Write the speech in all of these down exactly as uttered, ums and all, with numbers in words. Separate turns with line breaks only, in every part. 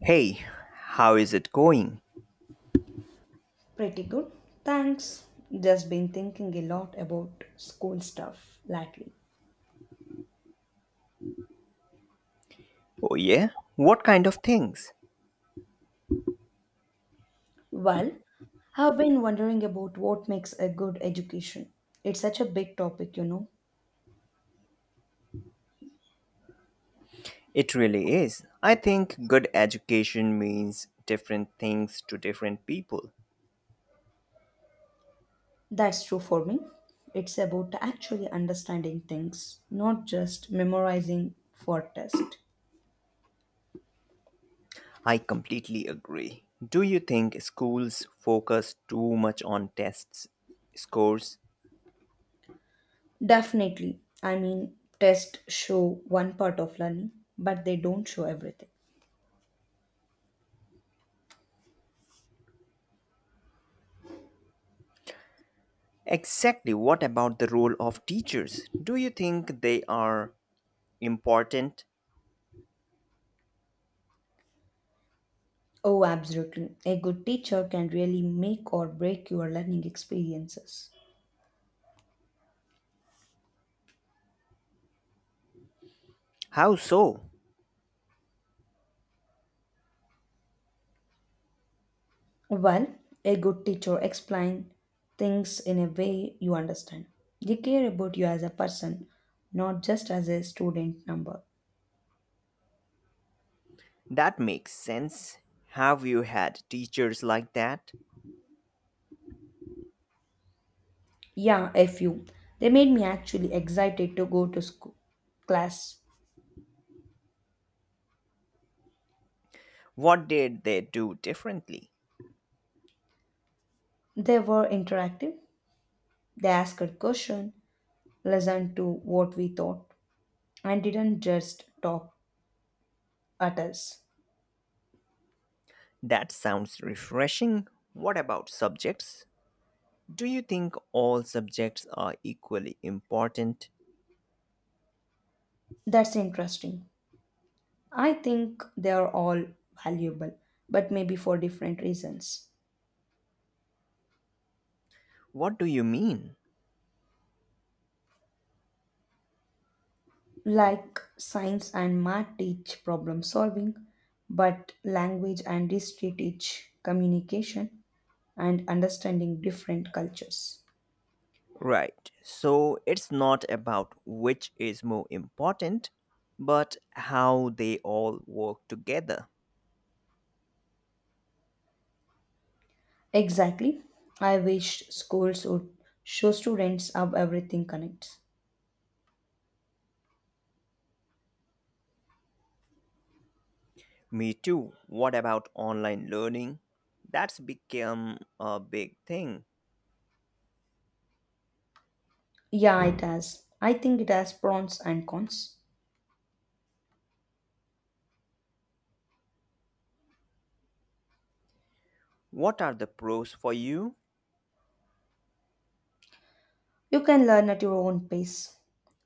Hey, how is it going?
Pretty good. Thanks. Just been thinking a lot about school stuff lately.
Oh, yeah? What kind of things?
Well, I've been wondering about what makes a good education. It's such a big topic, you know.
It really is. I think good education means different things to different people.
That's true for me. It's about actually understanding things, not just memorizing for test.
I completely agree. Do you think schools focus too much on tests, scores?
Definitely. I mean, tests show one part of learning, but they don't show everything.
Exactly. What about the role of teachers? Do you think they are important?
Oh, absolutely. A good teacher can really make or break your learning experiences.
How so?
Well, a good teacher explains things in a way you understand. They care about you as a person, not just as a student number.
That makes sense. Have you had teachers like that?
Yeah, a few. They made me actually excited to go to school class.
What did they do differently?
They were interactive. They asked a question, listened to what we thought, and didn't just talk at us.
That sounds refreshing. What about subjects? Do you think all subjects are equally important?
That's interesting. I think they are all valuable, but maybe for different reasons.
What do you mean?
Like science and math teach problem solving, but language and history teach communication and understanding different cultures.
Right, so it's not about which is more important, but how they all work together.
Exactly. I wish schools would show students how everything connects.
Me too. What about online learning? That's become a big thing.
Yeah, it has. I think it has pros and cons.
What are the pros for you?
You can learn at your own pace.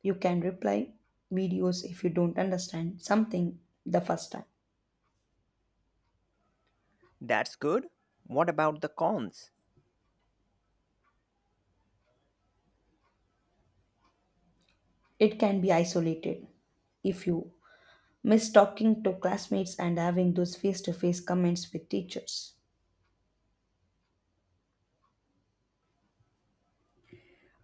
You can reply videos if you don't understand something the first time.
That's good. What about the cons?
It can be isolated if you miss talking to classmates and having those face to face comments with teachers.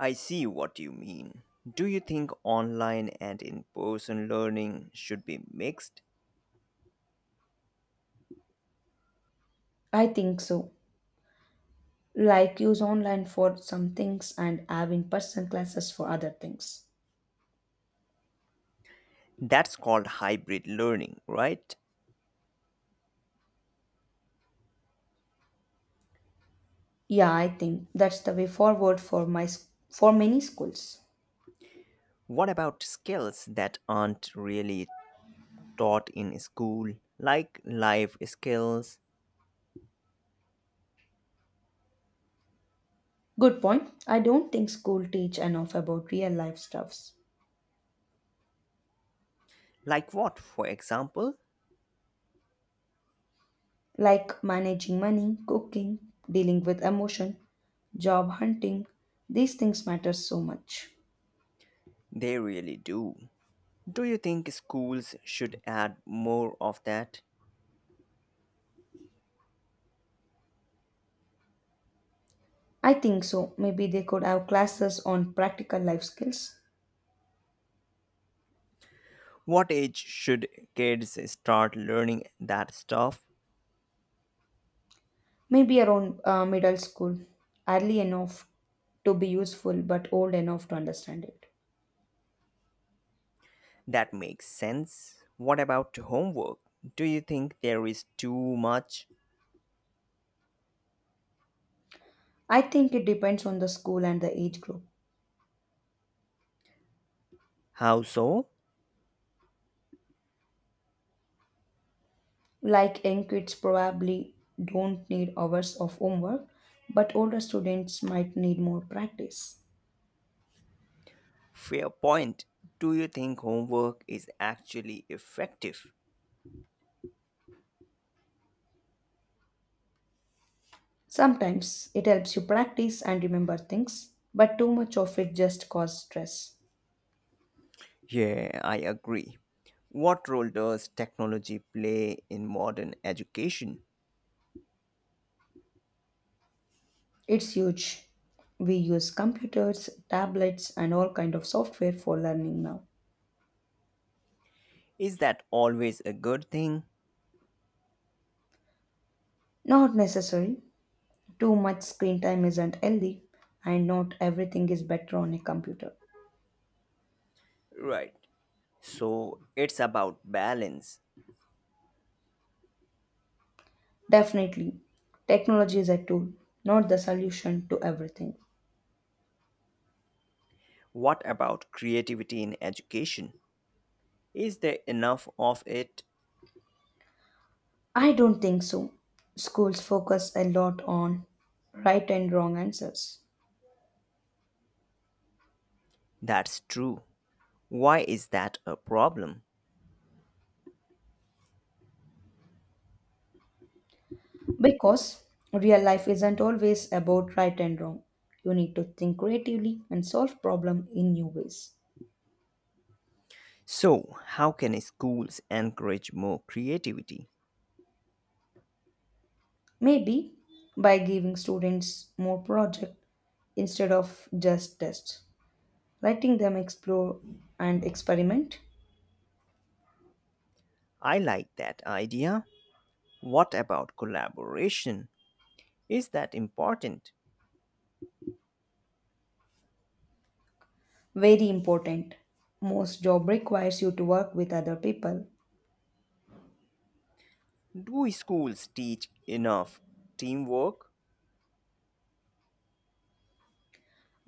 I see what you mean. Do you think online and in person learning should be mixed?
I think so. Like use online for some things and have in person classes for other things.
That's called hybrid learning, right?
Yeah, I think that's the way forward for my s- for many schools.
What about skills that aren't really taught in school, like life skills?
Good point. I don't think school teach enough about real life stuffs
Like what, for example?
like managing money, cooking, dealing with emotion, job hunting. These things matter so much.
They really do. Do you think schools should add more of that?
I think so. Maybe they could have classes on practical life skills.
What age should kids start learning that stuff?
Maybe around uh, middle school, early enough to be useful but old enough to understand it.
That makes sense. What about homework? Do you think there is too much?
I think it depends on the school and the age group.
How so?
Like young kids probably don't need hours of homework, but older students might need more practice.
Fair point. Do you think homework is actually effective?
Sometimes it helps you practice and remember things, but too much of it just causes stress.
Yeah, I agree. What role does technology play in modern education?
It's huge. We use computers, tablets, and all kind of software for learning now.
Is that always a good thing?
Not necessary. Too much screen time isn't healthy, and not everything is better on a computer.
Right. So it's about balance.
Definitely, technology is a tool, not the solution to everything.
What about creativity in education? Is there enough of it?
I don't think so. Schools focus a lot on right and wrong answers
That's true. Why is that a problem?
because real life isn't always about right and wrong. You need to think creatively and solve problem in new ways.
So, how can schools encourage more creativity?
Maybe by giving students more project instead of just tests. Letting them explore and experiment.
I like that idea. What about collaboration? Is that important?
Very important. Most job requires you to work with other people.
Do schools teach enough teamwork?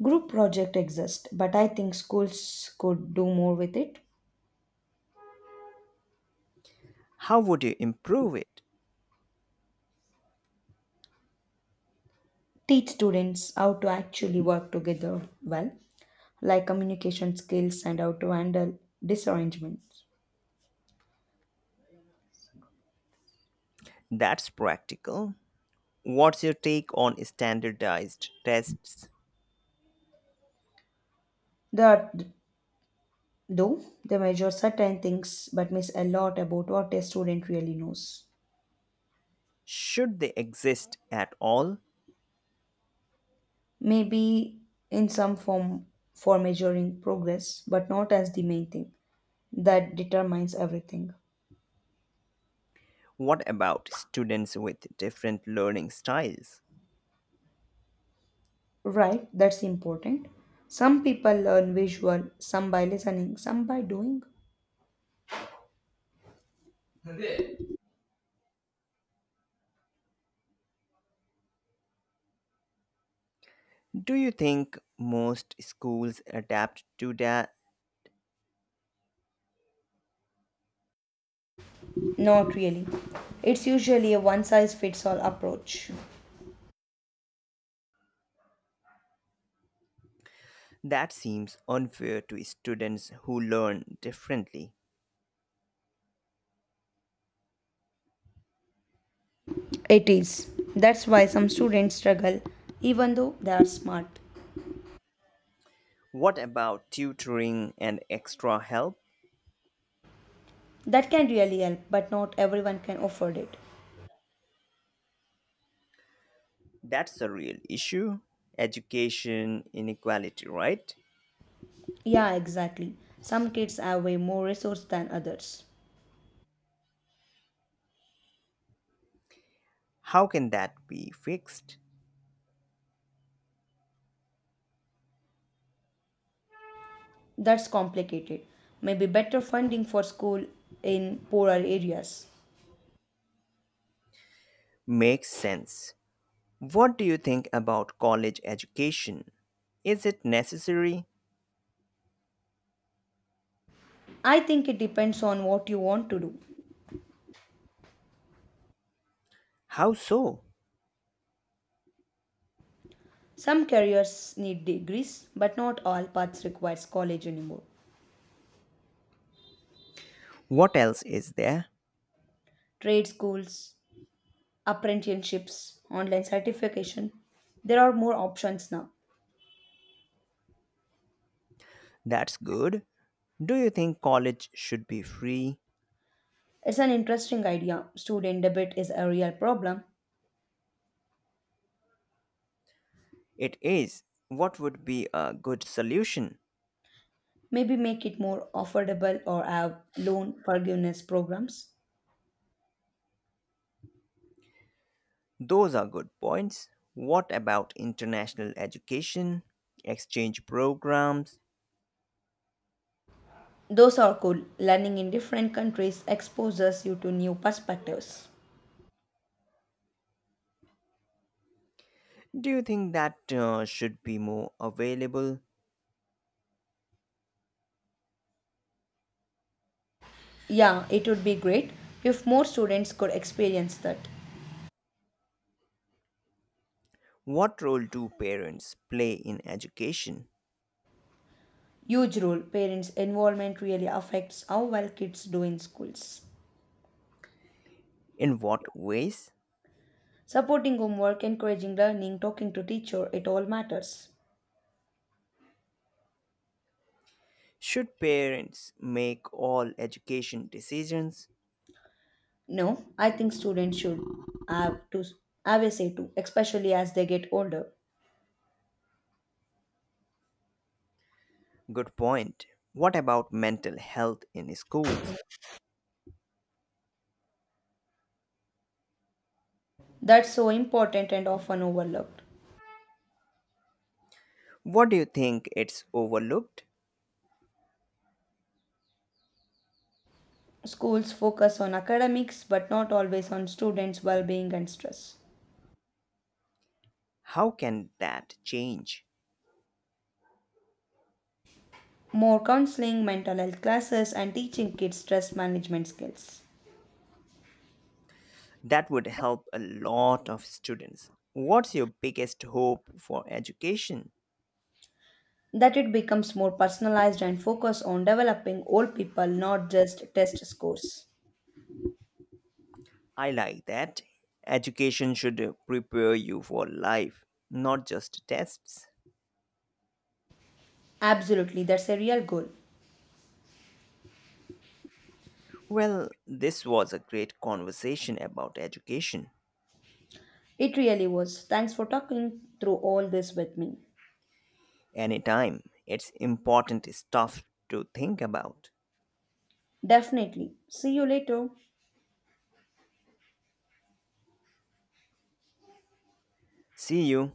Group project exist, but I think schools could do more with it.
How would you improve it?
Teach students how to actually work together well, like communication skills and how to handle disarrangements.
That's practical. What's your take on standardized tests?
The Though they measure certain things but miss a lot about what a student really knows.
Should they exist at all?
Maybe in some form for measuring progress, but not as the main thing that determines everything.
What about students with different learning styles?
Right, that's important. Some people learn visual, some by listening, some by doing.
Do you think most schools adapt to that?
Not really. It's usually a one size fits all approach.
That seems unfair to students who learn differently.
It is. That's why some students struggle even though they are smart.
What about tutoring and extra help?
That can really help, but not everyone can afford it.
That's a real issue. Education inequality, right?
Yeah, exactly. Some kids have way more resource than others.
How can that be fixed?
That's complicated. Maybe better funding for school in poorer areas.
Makes sense. What do you think about college education? Is it necessary?
I think it depends on what you want to do.
How so?
Some careers need degrees, but not all paths requires college anymore.
What else is there?
Trade schools, apprenticeships, online certification. There are more options now.
That's good. Do you think college should be free?
It's an interesting idea. Student debate is a real problem.
It is. What would be a good solution?
Maybe make it more affordable or have loan forgiveness programs.
Those are good points. What about international education, exchange programs?
Those are cool. Learning in different countries exposes you to new perspectives.
Do you think that uh, should be more available?
Yeah, it would be great if more students could experience that.
What role do parents play in education?
Huge role parents' involvement really affects how well kids do in schools.
In what ways?
Supporting homework, encouraging learning, talking to teacher, it all matters.
Should parents make all education decisions?
No, I think students should have to have a say too, especially as they get older.
Good point. What about mental health in schools?
That's so important and often overlooked.
What do you think it's overlooked?
Schools focus on academics but not always on students' well being and stress.
How can that change?
More counseling, mental health classes, and teaching kids stress management skills.
That would help a lot of students. What's your biggest hope for education?
That it becomes more personalized and focus on developing all people, not just test scores.
I like that. Education should uh, prepare you for life, not just tests.
Absolutely, that's a real goal.
Well, this was a great conversation about education.
It really was. Thanks for talking through all this with me.
Anytime, it's important stuff to think about.
Definitely. See you later.
See you.